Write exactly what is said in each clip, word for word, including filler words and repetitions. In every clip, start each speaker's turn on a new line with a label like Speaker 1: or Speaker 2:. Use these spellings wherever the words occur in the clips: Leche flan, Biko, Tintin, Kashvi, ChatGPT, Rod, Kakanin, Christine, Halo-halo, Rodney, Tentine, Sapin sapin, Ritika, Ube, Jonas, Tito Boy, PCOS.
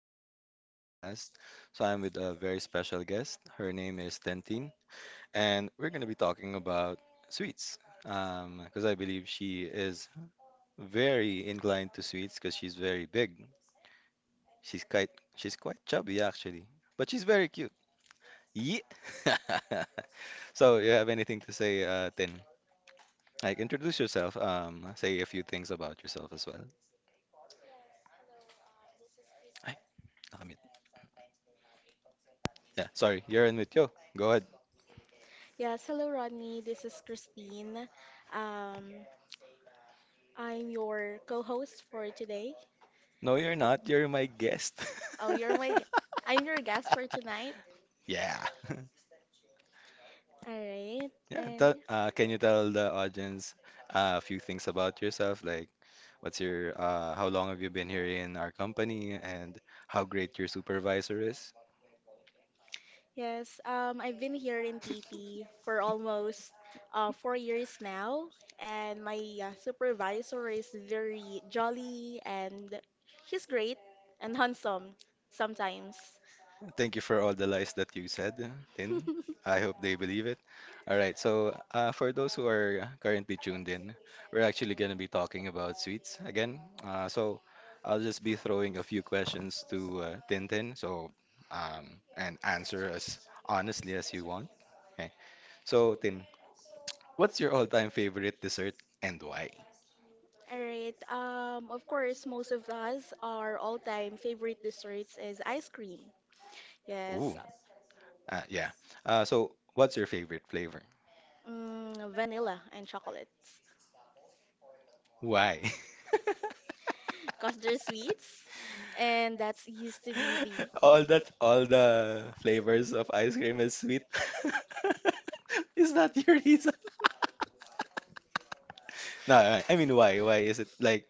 Speaker 1: Am I Even Here podcast. So, I'm with a very special guest. Her name is Tentine, and we're going to be talking about sweets because I believe she is very inclined to sweets because she's very big. She's quite, she's quite chubby, actually, but she's very cute. Yeah. So, you have anything to say, uh, Tin? Like, introduce yourself, um, say a few things about yourself as well. Ay, nakamute. Yeah, sorry, you're in with yo. Go ahead.
Speaker 2: Yes, hello Rodney. This is Christine. Um, I'm your co-host for today.
Speaker 1: No, you're not. You're my guest.
Speaker 2: Oh, you're my gu- I'm your guest for tonight.
Speaker 1: Yeah.
Speaker 2: All right.
Speaker 1: Yeah.
Speaker 2: And
Speaker 1: Tell, uh, can you tell the audience uh, a few things about yourself? Like, what's your, uh, how long have you been here in our company and how great your supervisor is?
Speaker 2: yes, um, I've been here in T P for almost uh, four years now, and my uh, supervisor is very jolly and he's great and handsome sometimes.
Speaker 1: Thank you for all the lies that you said, Tin. I hope they believe it. All right, so uh, for those who are currently tuned in, we're actually going to be talking about sweets again. Uh, so I'll just be throwing a few questions to uh, Tintin, so um, and answer as honestly as you want. Okay. So Tin, what's your all-time favorite dessert and why?
Speaker 2: Alright, um, of course, most of us, our all-time favorite desserts is ice cream. Yes,
Speaker 1: Ooh, uh, yeah. Uh, so what's your favorite flavor?
Speaker 2: mm, vanilla and chocolates.
Speaker 1: Why?
Speaker 2: Because they're sweets, and that's used to be the...
Speaker 1: All that all the flavors of ice cream is sweet. Is that your reason? No, I I mean why? Why is it like?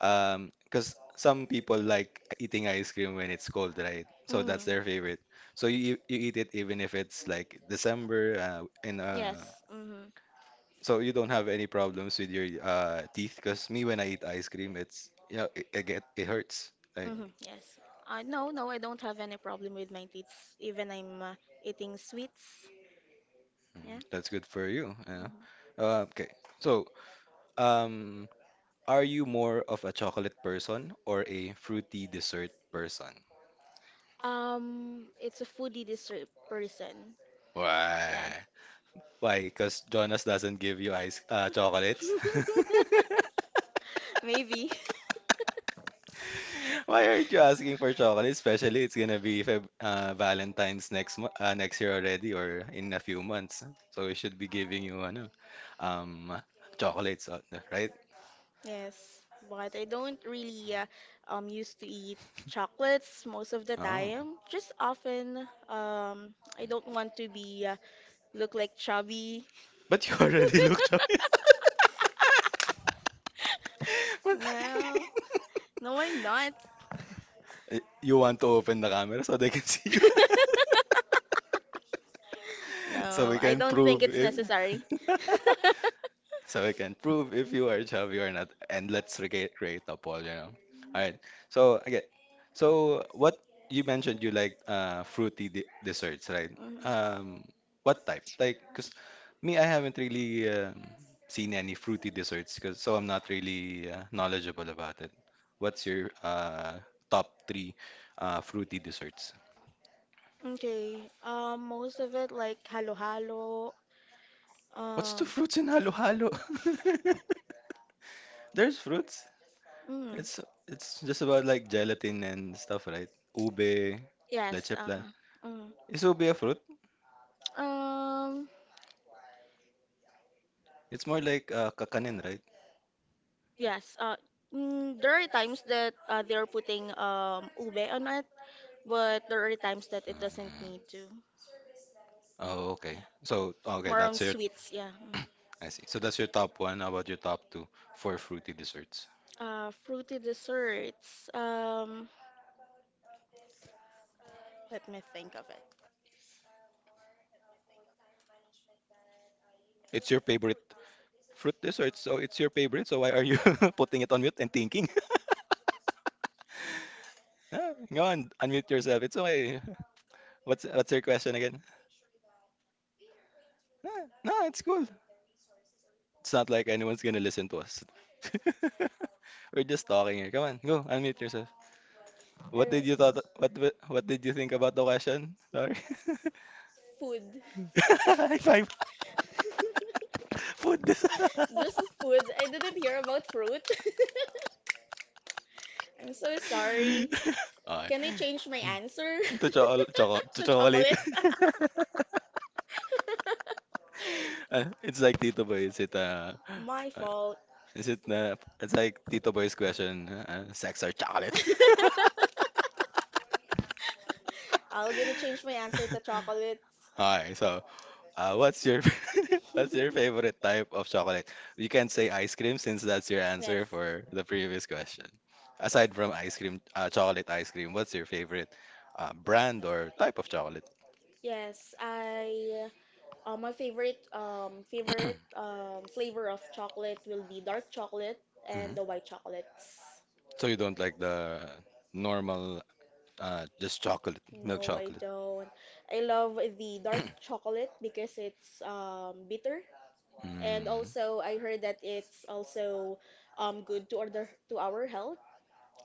Speaker 1: Um, because some people like eating ice cream when it's cold, right? So
Speaker 2: Mm,
Speaker 1: that's their favorite. So you you eat it even if it's like December uh, and uh
Speaker 2: yes, mm-hmm,
Speaker 1: so you don't have any problems with your uh teeth, because me when I eat ice cream it's you know it, it get it hurts. Like,
Speaker 2: mm-hmm, yes. Uh, no, no, I don't have any problem with my teeth, even I'm uh, eating sweets. Yeah.
Speaker 1: mm, that's good for you, you know.
Speaker 2: Mhm.
Speaker 1: Uh, okay. So, um, are you more of a chocolate person or a fruity dessert person?
Speaker 2: Um, it's a foodie dessert person. Yeah.
Speaker 1: Why? Why? Because Jonas doesn't give you ice uh, chocolates.
Speaker 2: Maybe.
Speaker 1: Why aren't you asking for chocolate? Especially, it's gonna be Feb uh, Valentine's next mo uh, next year already, or in a few months. So we should be giving you ano, um, chocolates, uh, right?
Speaker 2: Yes. But I don't really uh, um used to eat chocolates most of the
Speaker 1: Oh,
Speaker 2: time. Just often um I don't want to be uh, look like chubby.
Speaker 1: but you already look chocolate. But-
Speaker 2: No. No, I'm not.
Speaker 1: You want to open the camera so they can see you, so
Speaker 2: No,
Speaker 1: we
Speaker 2: I
Speaker 1: can
Speaker 2: don't think
Speaker 1: prove
Speaker 2: it's
Speaker 1: if.
Speaker 2: necessary.
Speaker 1: So we can prove if you are chubby or not, and let's rega- create a poll, you know. All right. So again, so what, you mentioned you like uh fruity de desserts, right?
Speaker 2: Mm,
Speaker 1: Um, what type? Like, 'cause me, I haven't really um, seen any fruity desserts, 'cause so I'm not really uh, knowledgeable about it. What's your uh top three uh fruity desserts?
Speaker 2: okay. Um most of it like halo-halo.
Speaker 1: What's the
Speaker 2: Um.
Speaker 1: fruits in halo-halo? There's fruits.
Speaker 2: Mm.
Speaker 1: It's it's just about like gelatin and stuff, right? Ube,
Speaker 2: Yes.
Speaker 1: leche plan.
Speaker 2: Uh-huh. Mm.
Speaker 1: Is ube a fruit?
Speaker 2: Um.
Speaker 1: It's more like uh, kakanin, right?
Speaker 2: Yes. Uh. Mm, there are times that uh, they're putting um ube on it, but there are times that it doesn't need to.
Speaker 1: Oh, okay.
Speaker 2: Yeah.
Speaker 1: So, okay,
Speaker 2: More on
Speaker 1: that's your,
Speaker 2: sweets. Yeah. Mm.
Speaker 1: I see. So that's your top one. How about your top two for fruity desserts?
Speaker 2: Uh, fruity desserts. Um. Let me think of it.
Speaker 1: It's your favorite fruit dessert, so it's your favorite. So why are you putting it on mute and thinking? Ah, go on, unmute yourself. It's okay. What's what's your question again? Ah, no, it's cool. It's not like anyone's gonna listen to us. We're just talking here. Come on, go unmute yourself.
Speaker 2: All
Speaker 1: What did
Speaker 2: right.
Speaker 1: you thought? What wa- what did you think about the question? Sorry.
Speaker 2: Food.
Speaker 1: High five. Food.
Speaker 2: Just food. I didn't hear about fruit. I'm so sorry.
Speaker 1: Okay.
Speaker 2: Can I change my answer?
Speaker 1: To chocolate, chocolate, to
Speaker 2: To
Speaker 1: chocolate.
Speaker 2: chocolate?
Speaker 1: Uh, it's like Tito Boy. Is it uh,
Speaker 2: My
Speaker 1: uh
Speaker 2: fault.
Speaker 1: is it uh, it's like Tito Boy's question. Uh, uh, sex or chocolate?
Speaker 2: I'm gonna change my answer to chocolates.
Speaker 1: Alright, so uh, what's your what's your favorite type of chocolate? You can say ice cream since that's your
Speaker 2: Yes.
Speaker 1: answer for the previous question. Aside from ice cream, uh, chocolate ice cream, what's your favorite uh, brand or type of chocolate?
Speaker 2: Yes, I uh, my favorite um favorite um flavor of chocolate will be dark chocolate and
Speaker 1: Hmm.
Speaker 2: the white chocolates.
Speaker 1: So you don't like the normal, uh, just chocolate, milk
Speaker 2: No, I
Speaker 1: chocolate.
Speaker 2: don't. I love the dark chocolate because it's um bitter, and
Speaker 1: Mm.
Speaker 2: also I heard that it's also um good to order to our health.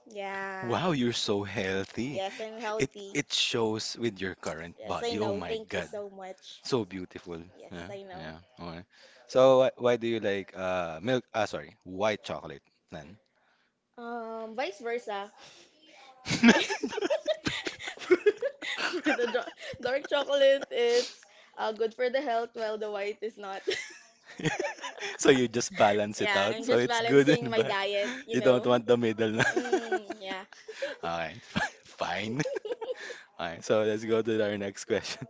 Speaker 2: Yeah.
Speaker 1: Wow, you're so healthy.
Speaker 2: Yes, I'm
Speaker 1: It
Speaker 2: healthy.
Speaker 1: it shows with your current
Speaker 2: Yes, I
Speaker 1: body. Oh
Speaker 2: know.
Speaker 1: my
Speaker 2: Thank you
Speaker 1: God.
Speaker 2: so much.
Speaker 1: So beautiful.
Speaker 2: Yes,
Speaker 1: Yeah,
Speaker 2: I know.
Speaker 1: yeah. Okay. So why, why do you like uh milk? Ah, sorry, white chocolate then.
Speaker 2: Um, vice versa. For, for the jo- dark chocolate, it's uh, good for the health, while the white is not.
Speaker 1: So you just balance it
Speaker 2: Yeah,
Speaker 1: out.
Speaker 2: I'm
Speaker 1: So
Speaker 2: just
Speaker 1: it's good
Speaker 2: balancing
Speaker 1: and
Speaker 2: my
Speaker 1: bad.
Speaker 2: diet, you
Speaker 1: You don't
Speaker 2: know.
Speaker 1: want the middle na.
Speaker 2: Mm, yeah.
Speaker 1: Okay, fine. Okay, so let's go to our next question.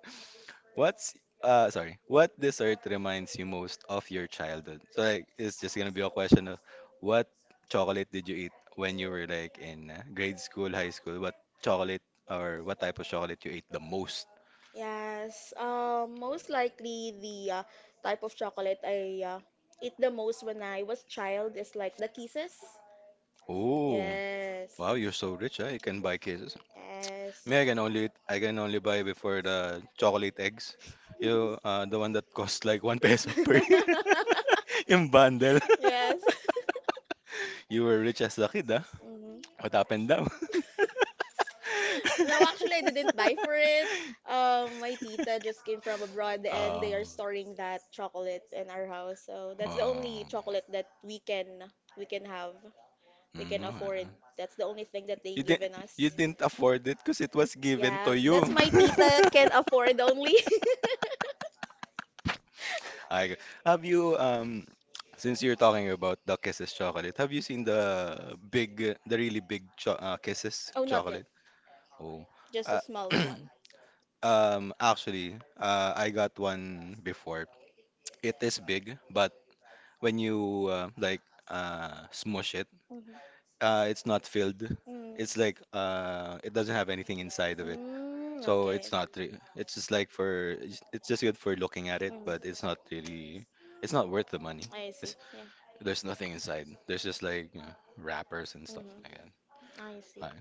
Speaker 1: What's uh sorry, what dessert reminds you most of your childhood? So like it's just gonna be a question of what chocolate did you eat when you were like in uh, grade school, high school? What chocolate or what type of chocolate you ate the most?
Speaker 2: Yes. Um, most likely the uh, type of chocolate I uh, eat the most when I was child is like the Kisses.
Speaker 1: Oh,
Speaker 2: Yes.
Speaker 1: wow, you're so rich, huh? You can buy cases.
Speaker 2: Yes.
Speaker 1: Me, I can only eat- I can only buy before the chocolate eggs. You uh the one that cost like one peso per year in bundle.
Speaker 2: Yes.
Speaker 1: You were rich as a kid, huh?
Speaker 2: Mhm.
Speaker 1: What happened now?
Speaker 2: No, actually, I didn't buy for it. Um, my tita just came from abroad and
Speaker 1: Oh.
Speaker 2: they are storing that chocolate in our house. So that's the only
Speaker 1: Oh.
Speaker 2: chocolate that we can we can have. We can
Speaker 1: Mm.
Speaker 2: afford. That's the only thing that they
Speaker 1: You didn't,
Speaker 2: given us.
Speaker 1: you didn't afford it because it was given
Speaker 2: Yeah,
Speaker 1: to
Speaker 2: that's
Speaker 1: you.
Speaker 2: my tita can afford only.
Speaker 1: I have you um, since you're talking about the Kisses chocolate, have you seen the big, the really big cho uh, Kisses
Speaker 2: Oh, not yet.
Speaker 1: chocolate? Oh.
Speaker 2: Just the
Speaker 1: Uh,
Speaker 2: smallest one.
Speaker 1: um, actually, uh, I got one before. It is big, but when you uh, like uh, smush it,
Speaker 2: Mm-hmm.
Speaker 1: uh, it's not filled.
Speaker 2: Mm.
Speaker 1: It's like uh, it doesn't have anything inside of it,
Speaker 2: Mm,
Speaker 1: so
Speaker 2: okay.
Speaker 1: it's not. Re- it's just like for it's it's just good for looking at it,
Speaker 2: Mm.
Speaker 1: but it's not really. It's not worth the money.
Speaker 2: I see.
Speaker 1: It's,
Speaker 2: Yeah.
Speaker 1: there's nothing inside. There's just like you know, wrappers and stuff like
Speaker 2: Mm-hmm.
Speaker 1: that.
Speaker 2: I see.
Speaker 1: Alright.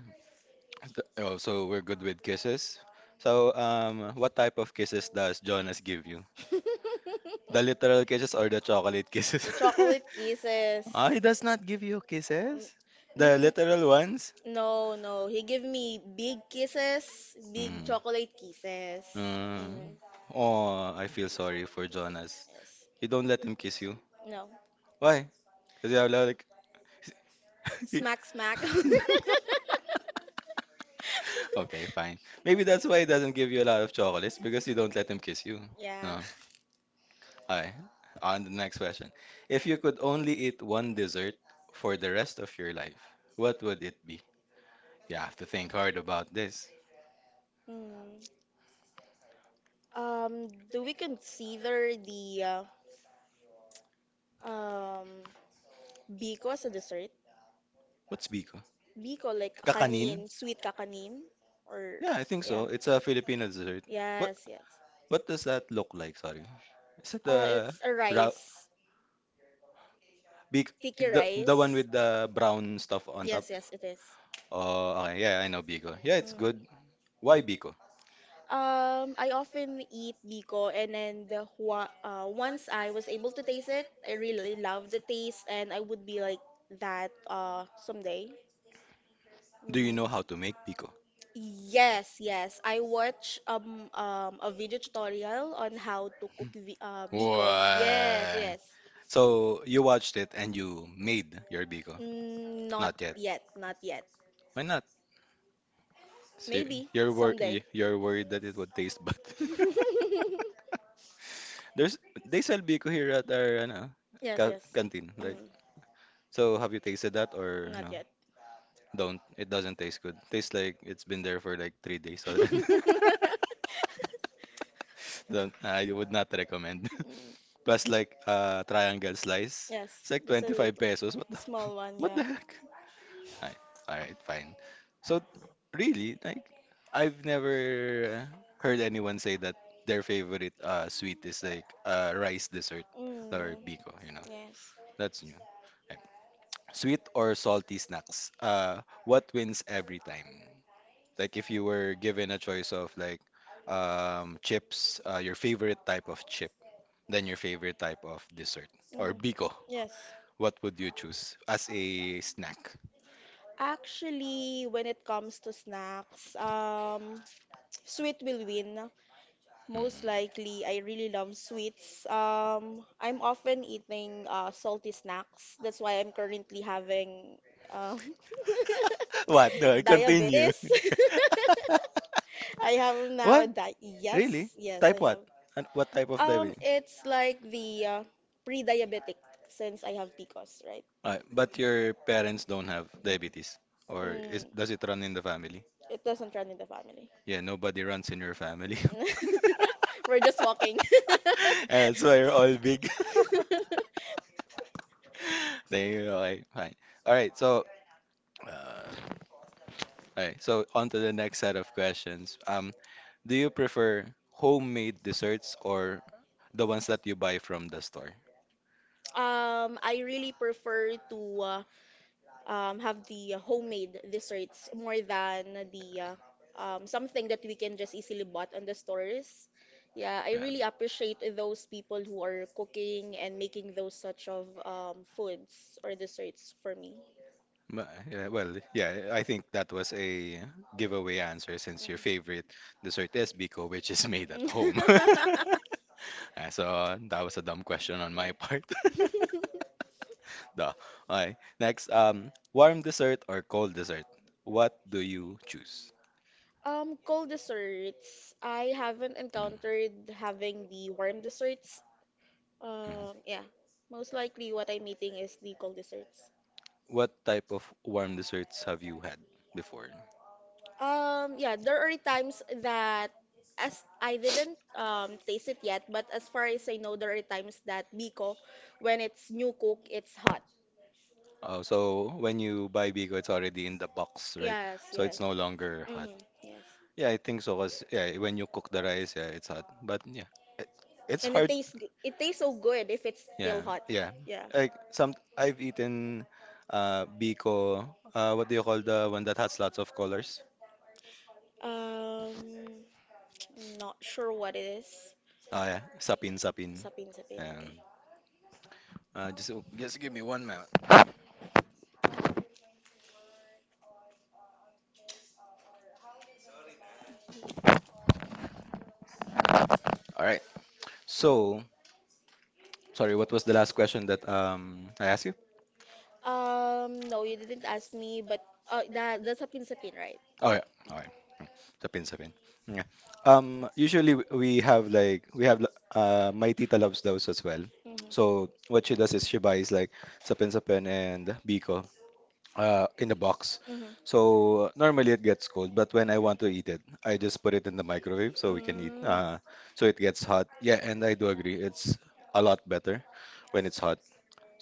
Speaker 1: Th- Oh, so we're good with kisses. So um, what type of kisses does Jonas give you? The literal kisses or the chocolate kisses?
Speaker 2: The chocolate kisses.
Speaker 1: Ah, he does not give you kisses? The
Speaker 2: Mm, mm,
Speaker 1: literal ones?
Speaker 2: no, no. He give me big kisses, big
Speaker 1: Mm.
Speaker 2: chocolate kisses. Mm-hmm.
Speaker 1: Mm. Oh, I feel sorry for Jonas.
Speaker 2: Yes.
Speaker 1: You don't let him kiss you.
Speaker 2: No.
Speaker 1: Why? Because you have like.
Speaker 2: Smack, smack.
Speaker 1: Okay, fine. Maybe that's why he doesn't give you a lot of chocolates because you don't let him kiss you.
Speaker 2: Yeah.
Speaker 1: No. Alright. On to the next question. If you could only eat one dessert for the rest of your life, what would it be? You have to think hard about this.
Speaker 2: Mm. Um, do we consider the uh, um Biko as a dessert?
Speaker 1: What's biko?
Speaker 2: Biko like kakanin,
Speaker 1: Kakanin?
Speaker 2: sweet kakanin, or
Speaker 1: Yeah, I think
Speaker 2: yeah,
Speaker 1: so. It's a Filipino dessert. What
Speaker 2: yes, yes.
Speaker 1: what does that look like? Sorry. Is it
Speaker 2: Uh,
Speaker 1: the
Speaker 2: it's a
Speaker 1: ra
Speaker 2: rice,
Speaker 1: big,
Speaker 2: sticky
Speaker 1: the, the one
Speaker 2: rice.
Speaker 1: with the brown stuff on top?
Speaker 2: Yes, yes, it is.
Speaker 1: Oh, okay. Yeah, I know Biko. Yeah, it's
Speaker 2: Mm.
Speaker 1: good. Why Biko?
Speaker 2: Um, I often eat biko, and then the hua, uh, once I was able to taste it, I really love the taste, and I would be like that uh someday.
Speaker 1: Do you
Speaker 2: Mm.
Speaker 1: know how to make Biko?
Speaker 2: Yes, yes. I watch um um a video tutorial on how to cook vi uh biko. Yes,
Speaker 1: What?
Speaker 2: yes.
Speaker 1: So you watched it and you made your Biko?
Speaker 2: Mm, not
Speaker 1: Not yet.
Speaker 2: yet, not yet.
Speaker 1: Why not? So
Speaker 2: Maybe
Speaker 1: you're wor
Speaker 2: someday.
Speaker 1: you- you're worried that it would taste bad. There's they sell Biko here at our ano,
Speaker 2: Yes,
Speaker 1: ca
Speaker 2: yes.
Speaker 1: canteen, right?
Speaker 2: Mm,
Speaker 1: So have you tasted that or
Speaker 2: not
Speaker 1: no?
Speaker 2: yet.
Speaker 1: Don't. It doesn't taste good. Tastes like it's been there for like three days already. Don't. I would not recommend.
Speaker 2: Mm.
Speaker 1: Plus like uh triangle slice. It's
Speaker 2: Yes,
Speaker 1: like
Speaker 2: just a little
Speaker 1: twenty-five pesos. What the
Speaker 2: small one,
Speaker 1: what
Speaker 2: yeah.
Speaker 1: the heck? All right, all right, fine. So really, like I've never heard anyone say that their favorite uh sweet is like uh rice dessert or
Speaker 2: Mm,
Speaker 1: biko, you know.
Speaker 2: yes.
Speaker 1: That's new. Okay. Sweet or salty snacks? Uh, what wins every time? Like if you were given a choice of like um, chips, uh, your favorite type of chip, then your favorite type of dessert or
Speaker 2: Mhm.
Speaker 1: biko,
Speaker 2: Yes.
Speaker 1: what would you choose as a snack?
Speaker 2: Actually, when it comes to snacks, um, sweet will win.
Speaker 1: Mm.
Speaker 2: Most likely, I really love sweets. Um, I'm often eating uh, salty snacks. That's why I'm currently having um,
Speaker 1: What? No, continue.
Speaker 2: diabetes. I have now a
Speaker 1: What?
Speaker 2: di yes,
Speaker 1: Really?
Speaker 2: yes,
Speaker 1: Type
Speaker 2: I have.
Speaker 1: what? And what type of
Speaker 2: Um,
Speaker 1: diabetes?
Speaker 2: it's like the uh, pre-diabetic since I have P C O S, right?
Speaker 1: Uh, but your parents don't have diabetes, or is,
Speaker 2: Mm.
Speaker 1: does it run in the family?
Speaker 2: It doesn't run in the family.
Speaker 1: Yeah, nobody runs in your family.
Speaker 2: We're just walking.
Speaker 1: And so you're all big. There you go. Like, fine. All right. So, uh, all right. So, on to the next set of questions. Um, do you prefer homemade desserts or the ones that you buy from the store?
Speaker 2: um, I really prefer to uh, um, have the homemade desserts more than the uh, um, something that we can just easily bought on the stores. Yeah, I
Speaker 1: Yeah.
Speaker 2: really appreciate those people who are cooking and making those such of um, foods or desserts for me.
Speaker 1: Ma- yeah, well, yeah, I think that was a giveaway answer since your favorite dessert is Biko, which is made at
Speaker 2: Mhm.
Speaker 1: home. Ah, so that was a dumb question on
Speaker 2: Yeah.
Speaker 1: my part. Duh. Okay. Next, um, warm dessert or cold dessert? What do you choose?
Speaker 2: Um, cold desserts. I haven't
Speaker 1: Mm,
Speaker 2: encountered having the warm desserts.
Speaker 1: mhm.
Speaker 2: Um, yeah. Most likely what I'm eating is the cold desserts.
Speaker 1: What type of warm desserts have you had before?
Speaker 2: Um, yeah, there are times that as I didn't um taste it yet, but as far as I know, there are times that Biko, when it's new cook, it's hot.
Speaker 1: Oh, so when you buy Bigo, it's already in the box, right?
Speaker 2: Yes,
Speaker 1: So
Speaker 2: yes.
Speaker 1: it's no longer hot.
Speaker 2: Mm-hmm, yes.
Speaker 1: Yeah, I think so. Cause yeah, when you cook the rice, yeah, it's hot. But yeah, it, it's
Speaker 2: And it
Speaker 1: hard.
Speaker 2: tastes g- it tastes so good if it's still
Speaker 1: Yeah,
Speaker 2: hot.
Speaker 1: yeah.
Speaker 2: Yeah.
Speaker 1: Like some I've eaten uh biko. Uh, what do you call the one that has lots of colors?
Speaker 2: Um. Not sure what it is.
Speaker 1: Oh yeah, sapin sapin.
Speaker 2: Sapin sapin,
Speaker 1: And
Speaker 2: okay.
Speaker 1: uh, just just give me one minute. All right. So sorry, what was the last question that um, I asked you?
Speaker 2: Um, no, you didn't ask me, but oh, that that's sapin sapin, right?
Speaker 1: Oh yeah. All right. Sapin sapin. Yeah. Um. Usually w- we have like we have l- uh my tita loves those as well. So
Speaker 2: Mm-hmm.
Speaker 1: what she does is she buys like sapin sapin and biko. Uh, in a box.
Speaker 2: Mm-hmm.
Speaker 1: So normally it gets cold, but when I want to eat it, I just put it in the microwave so we can eat.
Speaker 2: Mm.
Speaker 1: Uh, so it gets hot. Yeah, and I do agree. It's a lot better when it's hot.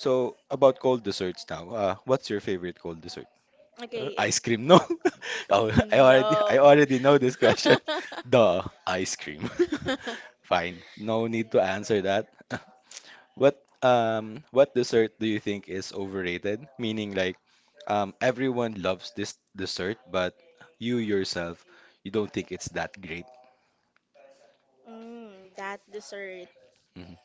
Speaker 1: So about cold desserts now. Uh, what's your favorite cold dessert? Uh,
Speaker 2: Okay.
Speaker 1: ice
Speaker 2: It,
Speaker 1: cream, no? Oh, I
Speaker 2: mm,
Speaker 1: already I
Speaker 2: no.
Speaker 1: already know this question. Duh, ice cream. Fine. No need to answer that. What um what dessert do you think is overrated? Meaning like um everyone loves this dessert, but you yourself you don't think it's that great.
Speaker 2: Mm, that dessert.
Speaker 1: Mhm.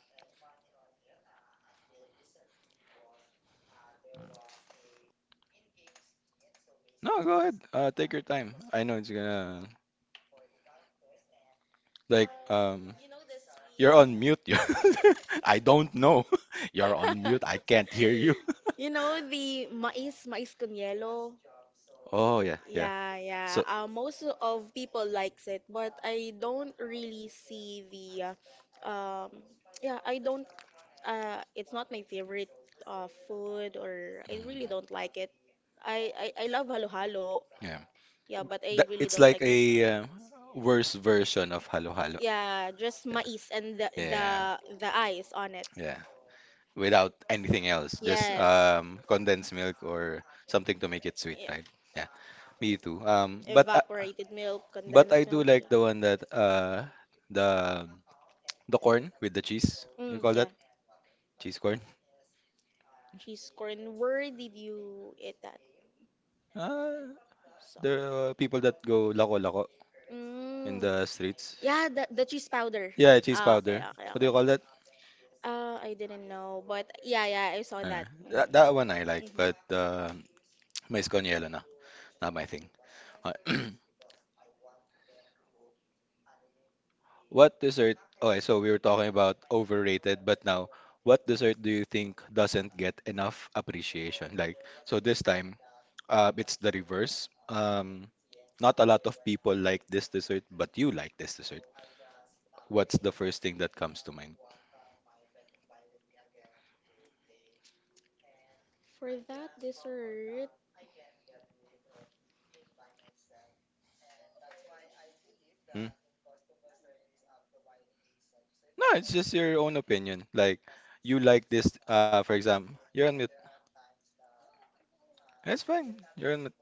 Speaker 1: No, go ahead. Uh, take your time. I know it's gonna like um you're on mute. I don't know. You're on mute. I can't hear you.
Speaker 2: You know the mais mais con hielo.
Speaker 1: Oh, yeah, yeah.
Speaker 2: Yeah, yeah.
Speaker 1: So
Speaker 2: Uh, most of people likes it, but I don't really see the, uh, um, yeah, I don't. Uh, it's not my favorite uh, food, or I
Speaker 1: mm,
Speaker 2: really don't like it. I I, I love halo halo,
Speaker 1: yeah,
Speaker 2: yeah, but I
Speaker 1: that,
Speaker 2: really
Speaker 1: it's
Speaker 2: don't
Speaker 1: like
Speaker 2: like.
Speaker 1: a uh, worse version of Halo Halo.
Speaker 2: Yeah, just mais and the the
Speaker 1: Yeah.
Speaker 2: the ice on it.
Speaker 1: Yeah. Without anything else, just
Speaker 2: Yes,
Speaker 1: um condensed milk or something to make it sweet,
Speaker 2: yeah.
Speaker 1: right? Yeah. Me too. Um but uh,
Speaker 2: Evaporated milk,
Speaker 1: but I
Speaker 2: condensed
Speaker 1: do
Speaker 2: milk.
Speaker 1: like the one that uh the the corn with the cheese. You
Speaker 2: Mm,
Speaker 1: call
Speaker 2: yeah.
Speaker 1: that cheese corn?
Speaker 2: Cheese corn. Where did you eat that?
Speaker 1: Uh,
Speaker 2: So.
Speaker 1: the people that go lako lako in
Speaker 2: Mm.
Speaker 1: the streets.
Speaker 2: Yeah, the the cheese powder.
Speaker 1: Yeah, cheese
Speaker 2: Ah, okay,
Speaker 1: powder.
Speaker 2: okay,
Speaker 1: What do you
Speaker 2: okay.
Speaker 1: call that?
Speaker 2: Uh, I didn't know, but yeah, yeah, I saw
Speaker 1: Uh,
Speaker 2: that. Hmm.
Speaker 1: that that one I like, but
Speaker 2: Hmm.
Speaker 1: uh, my sconielo na. Not my thing. Uh, what dessert? Okay, so we were talking about overrated, but now, what dessert do you think doesn't get enough appreciation? Like, so this time, uh, it's the reverse. Um, not a lot of people like this dessert, but you like this dessert. What's the first thing that comes to mind?
Speaker 2: For that dessert,
Speaker 1: Hmm? No, it's just your own opinion. Like, you like this, uh, for example, you're on mute. That's fine. You're on mute.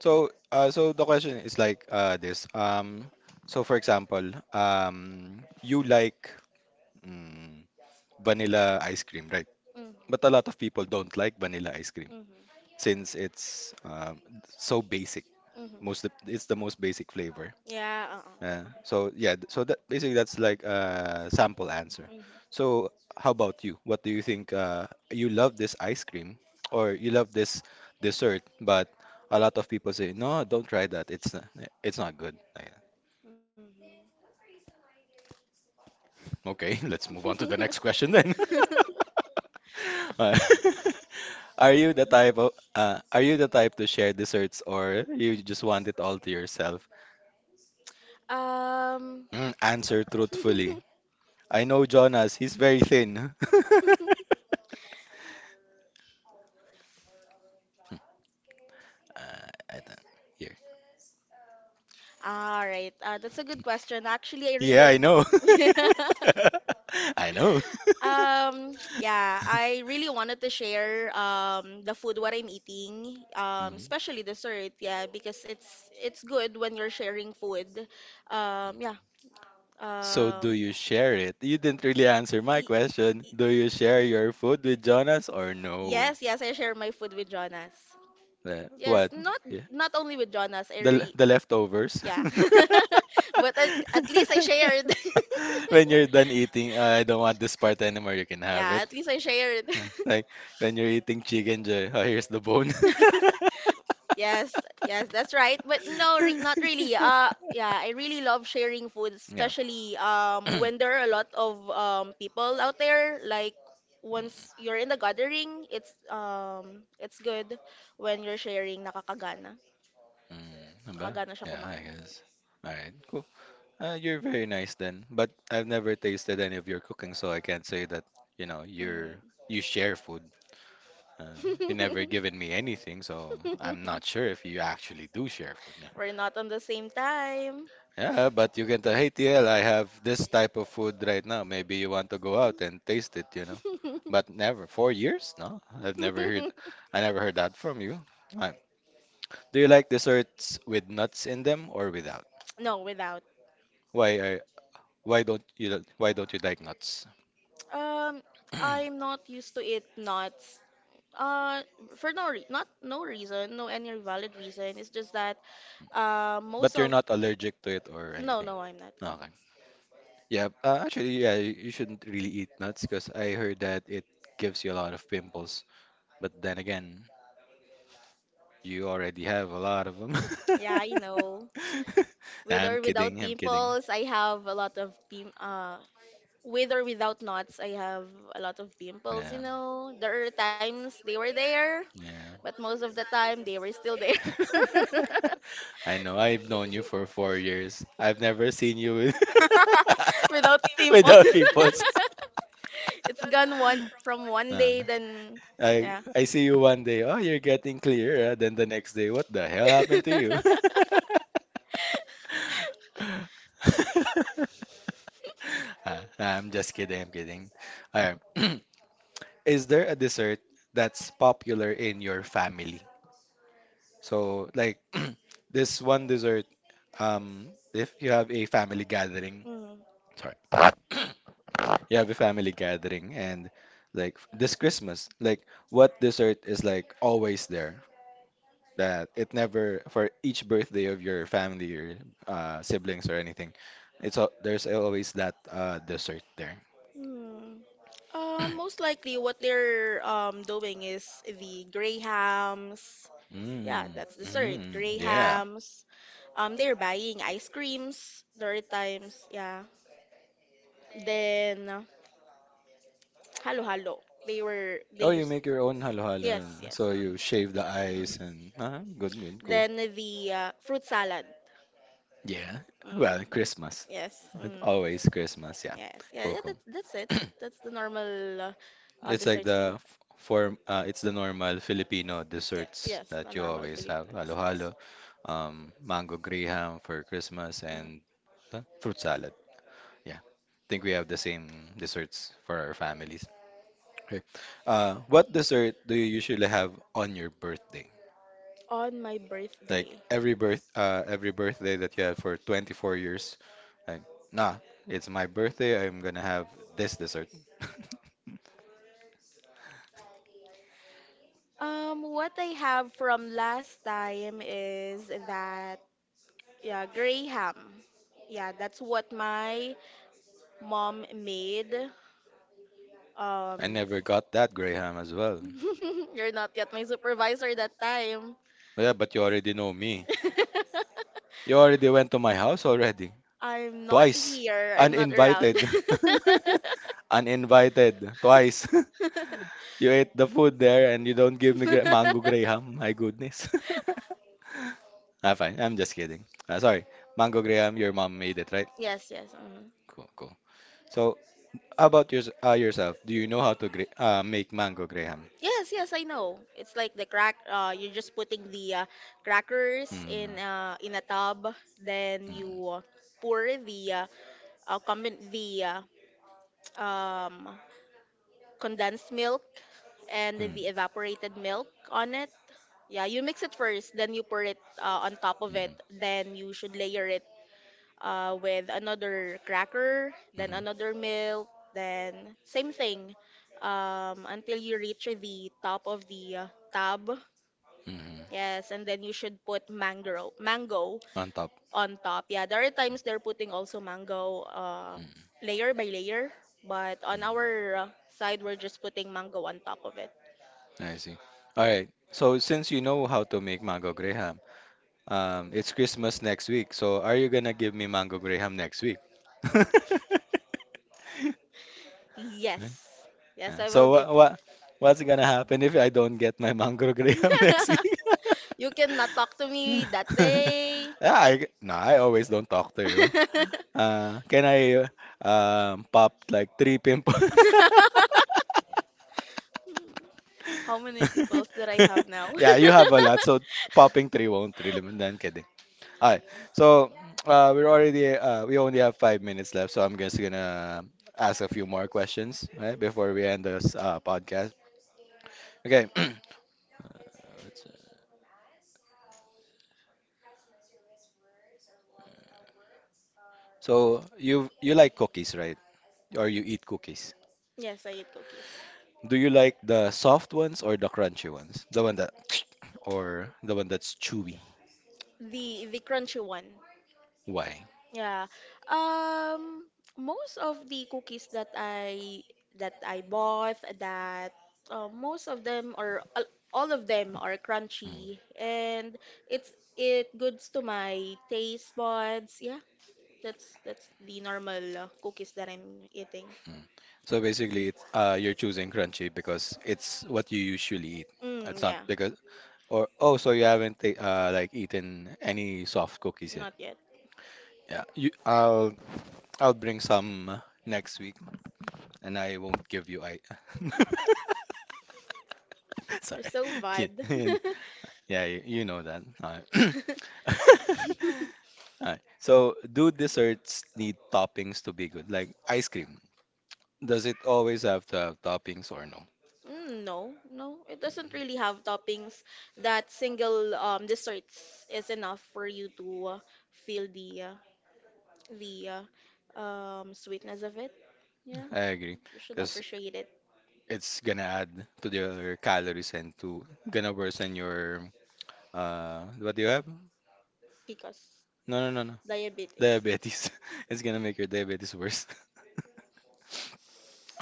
Speaker 1: So, uh, so the question is like uh, this. Um, so for example, um, you like mm, vanilla ice cream, right?
Speaker 2: mm.
Speaker 1: But a lot of people don't like vanilla ice cream
Speaker 2: Hmm.
Speaker 1: since it's um, so basic.
Speaker 2: Hmm.
Speaker 1: Most it's the most basic flavor.
Speaker 2: Yeah,
Speaker 1: Yeah.
Speaker 2: uh-uh, uh-uh.
Speaker 1: So yeah, th- so that basically that's like a sample answer.
Speaker 2: Mm-hmm.
Speaker 1: So how about you? What do you think? Uh, you love this ice cream or you love this dessert, but a lot of people say, no, don't try that. It's not, it's not good. Like, that. Okay, let's move on to the next question then. Uh, are you the type of uh, are you the type to share desserts or you just want it all to yourself?
Speaker 2: Um,
Speaker 1: Mm, answer truthfully. I know Jonas, he's very thin. Uh, I don't here.
Speaker 2: all right. Uh, that's a good question. Actually, I really
Speaker 1: Yeah, I
Speaker 2: don't.
Speaker 1: know. I know.
Speaker 2: Um, yeah, I really wanted to share um the food what I'm eating, um
Speaker 1: Mhm.
Speaker 2: especially dessert, yeah, because it's it's good when you're sharing food. Um, yeah.
Speaker 1: So do
Speaker 2: Um,
Speaker 1: you share it? You didn't really answer my question. Do you share your food with Jonas or no?
Speaker 2: yes, yes, I share my food with Jonas.
Speaker 1: The,
Speaker 2: Yes,
Speaker 1: what?
Speaker 2: not
Speaker 1: Yeah.
Speaker 2: not only with Jonas, I
Speaker 1: The
Speaker 2: re
Speaker 1: the leftovers.
Speaker 2: yeah. But at, at least I shared.
Speaker 1: When you're done eating, I don't want this part anymore. You can have
Speaker 2: Yeah,
Speaker 1: it.
Speaker 2: at least I shared.
Speaker 1: Like when you're eating chicken, Joy, oh, here's the bone.
Speaker 2: Yes, yes, that's right. But no, re not really. Uh, yeah, I really love sharing food,
Speaker 1: Yeah.
Speaker 2: especially um when there are a lot of um people out there. Like once you're in the gathering, it's um it's good when you're sharing. Nakakagana,
Speaker 1: Mm, diba?
Speaker 2: nakakagana siya
Speaker 1: Yeah, I
Speaker 2: kumain.
Speaker 1: guess. All right, cool. Uh, you're very nice then, but I've never tasted any of your cooking, so I can't say that, you know,
Speaker 2: Mm.
Speaker 1: you're you share food. Uh, you never given me anything, so I'm not sure if you actually do share food. Yeah,
Speaker 2: We're not on the same time.
Speaker 1: yeah, but you can tell, hey T L, I have this type of food right now. Maybe you want to go out and taste it, you know. But never, four years? No, I've never heard, I never heard that from you. I, do you like desserts with nuts in them or without?
Speaker 2: No, without.
Speaker 1: Why are why don't you why don't you like nuts?
Speaker 2: Um, I'm not used to eat nuts. Uh, for no re- not no reason, no any valid reason. It's just that uh most
Speaker 1: But
Speaker 2: You're
Speaker 1: you're
Speaker 2: of
Speaker 1: not allergic to it or
Speaker 2: not. No,
Speaker 1: anything.
Speaker 2: no, I'm not.
Speaker 1: Okay. Yeah. Uh, actually, yeah, you you shouldn't really eat nuts because I heard that it gives you a lot of pimples. But then again, you already have a lot of them.
Speaker 2: Yeah, I know.
Speaker 1: Nah,
Speaker 2: With
Speaker 1: I'm
Speaker 2: or without
Speaker 1: kidding. I'm kidding.
Speaker 2: pimples, I have a lot of pim uh with or without knots, I have a lot of pimples,
Speaker 1: Yeah.
Speaker 2: you know. There are times they were there, but most of the time they were still there.
Speaker 1: Yeah. I know I've known you for four years. I've never seen you with
Speaker 2: Without pimples.
Speaker 1: without pimples.
Speaker 2: It's gone one from one
Speaker 1: Uh,
Speaker 2: day then
Speaker 1: I
Speaker 2: yeah.
Speaker 1: I see you one day. Oh, you're getting clearer. Then the next day, what the hell happened to you? Ah, I'm just kidding. I'm kidding. Alright. Is there a dessert that's popular in your family? So, like this one dessert, um, if you have a family gathering,
Speaker 2: Mm.
Speaker 1: sorry. You have a family gathering and like f- this Christmas, like what dessert is like always there that it never for each birthday of your family or uh, siblings or anything, it's al there's always that uh, dessert there.
Speaker 2: Hmm. Um, most likely what they're um doing is the grey. Yeah,
Speaker 1: Mm,
Speaker 2: that's dessert.
Speaker 1: mm,
Speaker 2: Grey.
Speaker 1: yeah.
Speaker 2: Um, they're buying ice creams during times. Yeah. Then uh, halo halo. They were
Speaker 1: Oh,
Speaker 2: they
Speaker 1: you
Speaker 2: used
Speaker 1: make your own halo-halo.
Speaker 2: yes, yes.
Speaker 1: So you
Speaker 2: Mhm,
Speaker 1: shave the ice
Speaker 2: mhm.
Speaker 1: and uh, good, good, cool.
Speaker 2: Then the uh, fruit salad.
Speaker 1: Yeah.
Speaker 2: Mm.
Speaker 1: Well, Christmas.
Speaker 2: Yes.
Speaker 1: It's
Speaker 2: Mm.
Speaker 1: always Christmas. Yeah.
Speaker 2: Yes, yeah,
Speaker 1: Cool,
Speaker 2: yeah.
Speaker 1: cool.
Speaker 2: That's that's it. That's the normal uh, uh,
Speaker 1: It's like
Speaker 2: desserts we.
Speaker 1: the f- form. Uh, it's the normal Filipino
Speaker 2: Yeah,
Speaker 1: desserts
Speaker 2: yes,
Speaker 1: that
Speaker 2: the
Speaker 1: you
Speaker 2: normal
Speaker 1: always have:
Speaker 2: Filipino desserts.
Speaker 1: halo-halo, um, mango graham for Christmas,
Speaker 2: Mhm.
Speaker 1: and uh, fruit salad. Yeah, I think we have the same desserts for our families. Okay. Uh, what dessert do you usually have on your birthday?
Speaker 2: On my
Speaker 1: Like
Speaker 2: birthday,
Speaker 1: every birth, uh, every birthday that you have for twenty-four years. Like, nah, it's my birthday. I'm gonna have this dessert.
Speaker 2: um, what I have from last time is that yeah, gray ham. Yeah, that's what my mom made. Um,
Speaker 1: I never got that graham as well.
Speaker 2: you're not yet my supervisor that time.
Speaker 1: Oh, yeah, but you already know me. You already went to my house already.
Speaker 2: I'm not
Speaker 1: Twice.
Speaker 2: here. I'm not around.
Speaker 1: Uninvited. Uninvited. Twice. You ate the food there and you don't give me gra mango Graham. My goodness. Ah, fine. I'm just kidding. Ah, sorry. Mango Graham, your mom made it, right?
Speaker 2: Yes, yes. Mhm.
Speaker 1: Cool, cool. So, how about yours uh, yourself? Do you know how to gra uh, make mango Graham?
Speaker 2: Yes, yes, I know. It's like the crack. Uh, you're just putting the uh, crackers
Speaker 1: Mm,
Speaker 2: in uh, in a tub, then
Speaker 1: mm,
Speaker 2: you uh, pour the uh, uh, combin the uh, um, condensed milk and the evaporated milk on it. Yeah, you mix it first, then you pour it uh, on top
Speaker 1: mm,
Speaker 2: of it.
Speaker 1: mm,
Speaker 2: Then you should layer it uh, with another cracker, then
Speaker 1: mm-hmm.
Speaker 2: another milk, then same thing um, until you reach the top of the uh, tub.
Speaker 1: Mm-hmm.
Speaker 2: Yes, and then you should put mango, mango
Speaker 1: On top.
Speaker 2: on top. Yeah, there are times they're putting also mango uh,
Speaker 1: Mm-hmm.
Speaker 2: layer by layer, but on our uh, side, we're just putting mango on top of it.
Speaker 1: I see. All right. So since you know how to make mango graham, um, it's Christmas next week. So are you gonna give me mango graham next week? Huh?
Speaker 2: Yes, yes,
Speaker 1: Uh,
Speaker 2: I will
Speaker 1: so what
Speaker 2: give.
Speaker 1: what what's gonna happen if I don't get my mango graham next week?
Speaker 2: You cannot talk to me that day.
Speaker 1: Yeah, I, no, I always don't talk to you. Uh, can I uh, um, pop like three pimples?
Speaker 2: How many peoples that I have now?
Speaker 1: Yeah, you have a lot. So popping three won't really. Mean. No, I'm kidding. All right. So uh, we're already uh, we only have five minutes left. So I'm just gonna ask a few more questions right, before we end this uh, podcast. Okay. That's it. So you you like cookies, right? Or you eat cookies?
Speaker 2: Yes, I eat cookies.
Speaker 1: Do you like the soft ones or the crunchy ones? The one that or the one that's chewy?
Speaker 2: The the crunchy one.
Speaker 1: Why?
Speaker 2: Yeah. Um most of the cookies that I that I bought that uh, most of them or al- all of them are crunchy and it's it goods to my taste buds. Yeah. That's that's the normal uh, cookies that I'm eating.
Speaker 1: Mm. So basically, it's uh, you're choosing crunchy because it's what you usually eat. It's
Speaker 2: Mm,
Speaker 1: not
Speaker 2: yeah.
Speaker 1: because or oh, so you haven't ta uh, like eaten any soft cookies yet.
Speaker 2: Not yet.
Speaker 1: Yeah, you, I'll I'll bring some next week, and I won't give you I. Sorry,
Speaker 2: They're so
Speaker 1: Kid-
Speaker 2: bad.
Speaker 1: yeah, you, you know that. All right. All right. So, do desserts need toppings to be good? Like ice cream, does it always have to have toppings or no?
Speaker 2: Mm, no, no, it doesn't really have toppings. That single um desserts is enough for you to uh, feel the uh, the uh, um sweetness of it. Yeah,
Speaker 1: I agree,
Speaker 2: you should
Speaker 1: because
Speaker 2: appreciate it
Speaker 1: it's gonna add to your calories and to gonna worsen your uh what do you have?
Speaker 2: because
Speaker 1: No, no, no, no.
Speaker 2: diabetes.
Speaker 1: Diabetes. It's gonna make your diabetes worse.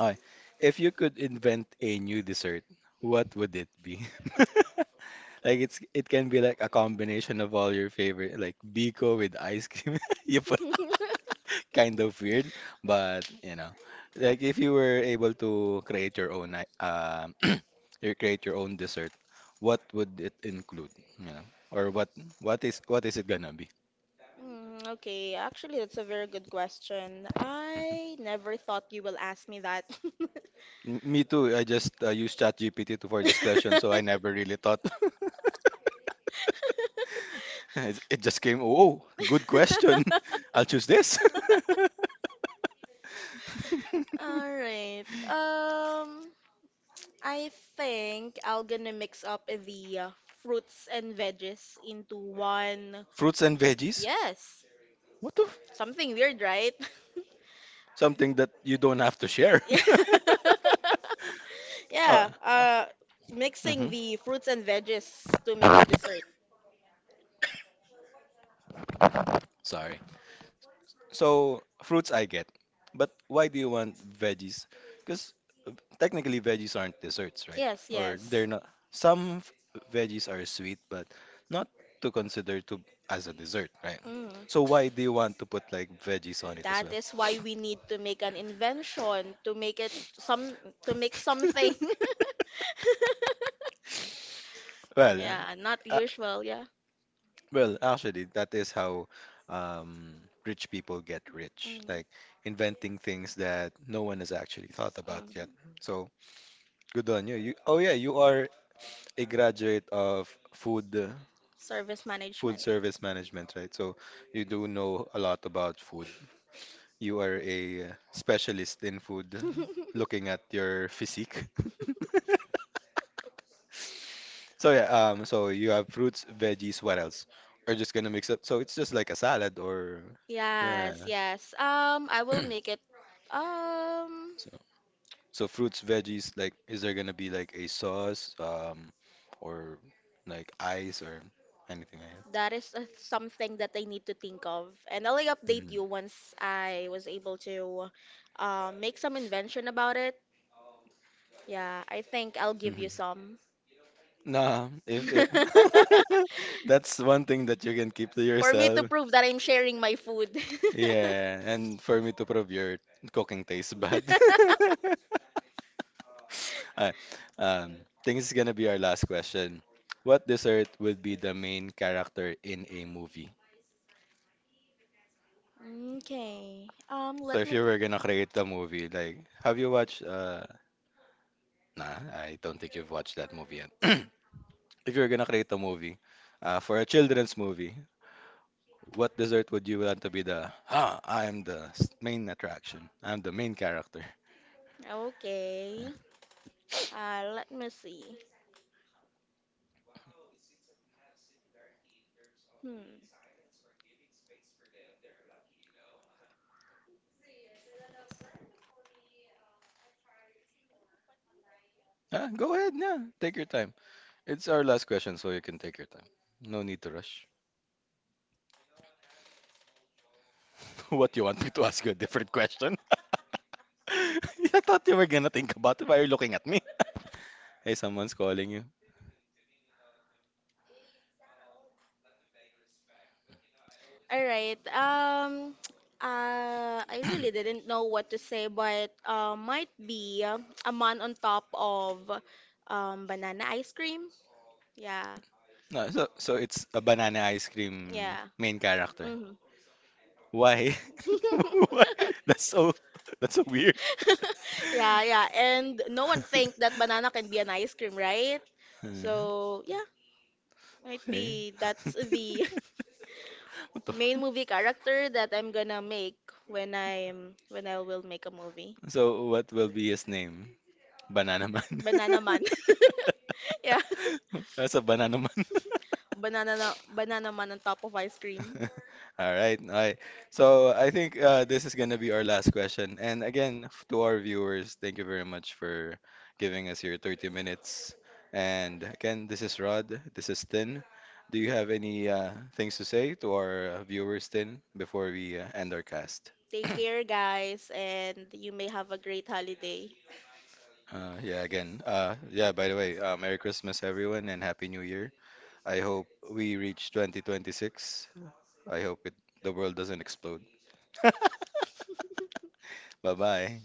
Speaker 1: Okay. If you could invent a new dessert, what would it be? Like it's it can be like a combination of all your favorite, like Biko with ice cream. You put kind of weird, but you know, like if you were able to create your own, i- um, you create your own dessert, what would it include? You know, or what what is what is it gonna be?
Speaker 2: Mm, okay, actually, that's a very good question. I never thought you will ask me that.
Speaker 1: M- Me too. I just uh, used ChatGPT to for this question, so I never really thought. It's- It just came. Oh, good question. I'll choose this.
Speaker 2: All right. Um, I think I'll gonna mix up the uh, fruits and veggies into one.
Speaker 1: Fruits and veggies.
Speaker 2: Yes,
Speaker 1: What the? F-
Speaker 2: something weird, right?
Speaker 1: Something that you don't have to share.
Speaker 2: Yeah,
Speaker 1: Uh,
Speaker 2: uh, mixing
Speaker 1: mhm.
Speaker 2: the fruits and veggies to make it dessert.
Speaker 1: Sorry. So fruits I get, but why do you want veggies? Because technically veggies aren't desserts, right?
Speaker 2: Yes,
Speaker 1: Or
Speaker 2: yes.
Speaker 1: they're not. Some f- veggies are sweet, but not to consider to as a dessert, right?
Speaker 2: Mm.
Speaker 1: So why do you want to put like veggies on it as
Speaker 2: That
Speaker 1: well?
Speaker 2: is why we need to make an invention to make it some to make something.
Speaker 1: Well,
Speaker 2: Yeah, not
Speaker 1: uh,
Speaker 2: usual, yeah.
Speaker 1: well, actually, that is how um, rich people get rich,
Speaker 2: Mm,
Speaker 1: like inventing things that no one has actually thought about
Speaker 2: mm.
Speaker 1: yet. So good on you. You, oh yeah, you are a graduate of food uh,
Speaker 2: Service
Speaker 1: food
Speaker 2: management.
Speaker 1: service management, right? So you do know a lot about food. You are a uh, specialist in food, looking at your physique. So yeah, um, so you have fruits, veggies, what else? Or just gonna mix up. So it's just like a salad or yeah.
Speaker 2: Yes, yes. Um, I will make it. Um,
Speaker 1: So so fruits, veggies, like is there gonna be like a sauce, um, or like ice or anything like
Speaker 2: that is uh, something that I need to think of, and I'll like,
Speaker 1: that?
Speaker 2: update
Speaker 1: Mhm.
Speaker 2: you once I was able to uh, make some invention about it. Yeah, I think I'll give
Speaker 1: Mhm.
Speaker 2: you some.
Speaker 1: Nah, if it that's one thing that you can keep to
Speaker 2: For me to
Speaker 1: yourself.
Speaker 2: prove that I'm sharing my food.
Speaker 1: Yeah, and for me to prove your cooking tastes bad. Alright, um, think this is gonna be our last question. What dessert would be the main character in a movie?
Speaker 2: Okay. Um,
Speaker 1: So
Speaker 2: let
Speaker 1: if
Speaker 2: me
Speaker 1: you were
Speaker 2: think.
Speaker 1: gonna create the movie, like, have you watched? Uh, nah, I don't think you've watched that movie yet. If you're gonna create a movie, uh, for a children's movie, what dessert would you want to be the? Ah, I am the s- main attraction. I'm the main character.
Speaker 2: Okay. Uh, let me see. Hmm.
Speaker 1: Ah, go ahead, yeah, take your time. It's our last question, so you can take your time. No need to rush. What, you want me to ask you a different question? I thought you were gonna think about it. Why are you looking at me? Hey, someone's calling you.
Speaker 2: All right. Um, uh, I really didn't know what to say, but uh, might be uh, a man on top of um banana ice cream. Yeah.
Speaker 1: No, so so it's a banana ice cream
Speaker 2: Yeah.
Speaker 1: main character.
Speaker 2: Hmm.
Speaker 1: Why? Why? That's so that's so weird.
Speaker 2: Yeah, yeah. And no one think that banana can be an ice cream, right?
Speaker 1: Uh,
Speaker 2: So, yeah, might
Speaker 1: Okay.
Speaker 2: be that's the
Speaker 1: What the? F-
Speaker 2: main movie character that I'm gonna make when I'm when I will make a movie.
Speaker 1: so what will be his name? Banana Man.
Speaker 2: Banana man. Yeah.
Speaker 1: Nasa banana man.
Speaker 2: Banana na- banana man on top of ice cream.
Speaker 1: All right, all right. So I think uh, this is gonna be our last question. And again, f- to our viewers, thank you very much for giving us your thirty minutes. And again, this is Rod. This is Tin. Do you have any uh, things to say to our uh, viewers, Tin, before we uh, end our cast?
Speaker 2: Take care guys and you may have a great holiday.
Speaker 1: Uh, yeah, again. Uh, yeah, by the way, uh, Merry Christmas, everyone, and Happy New Year. I hope we reach twenty twenty-six. I hope it the world doesn't explode. Bye bye.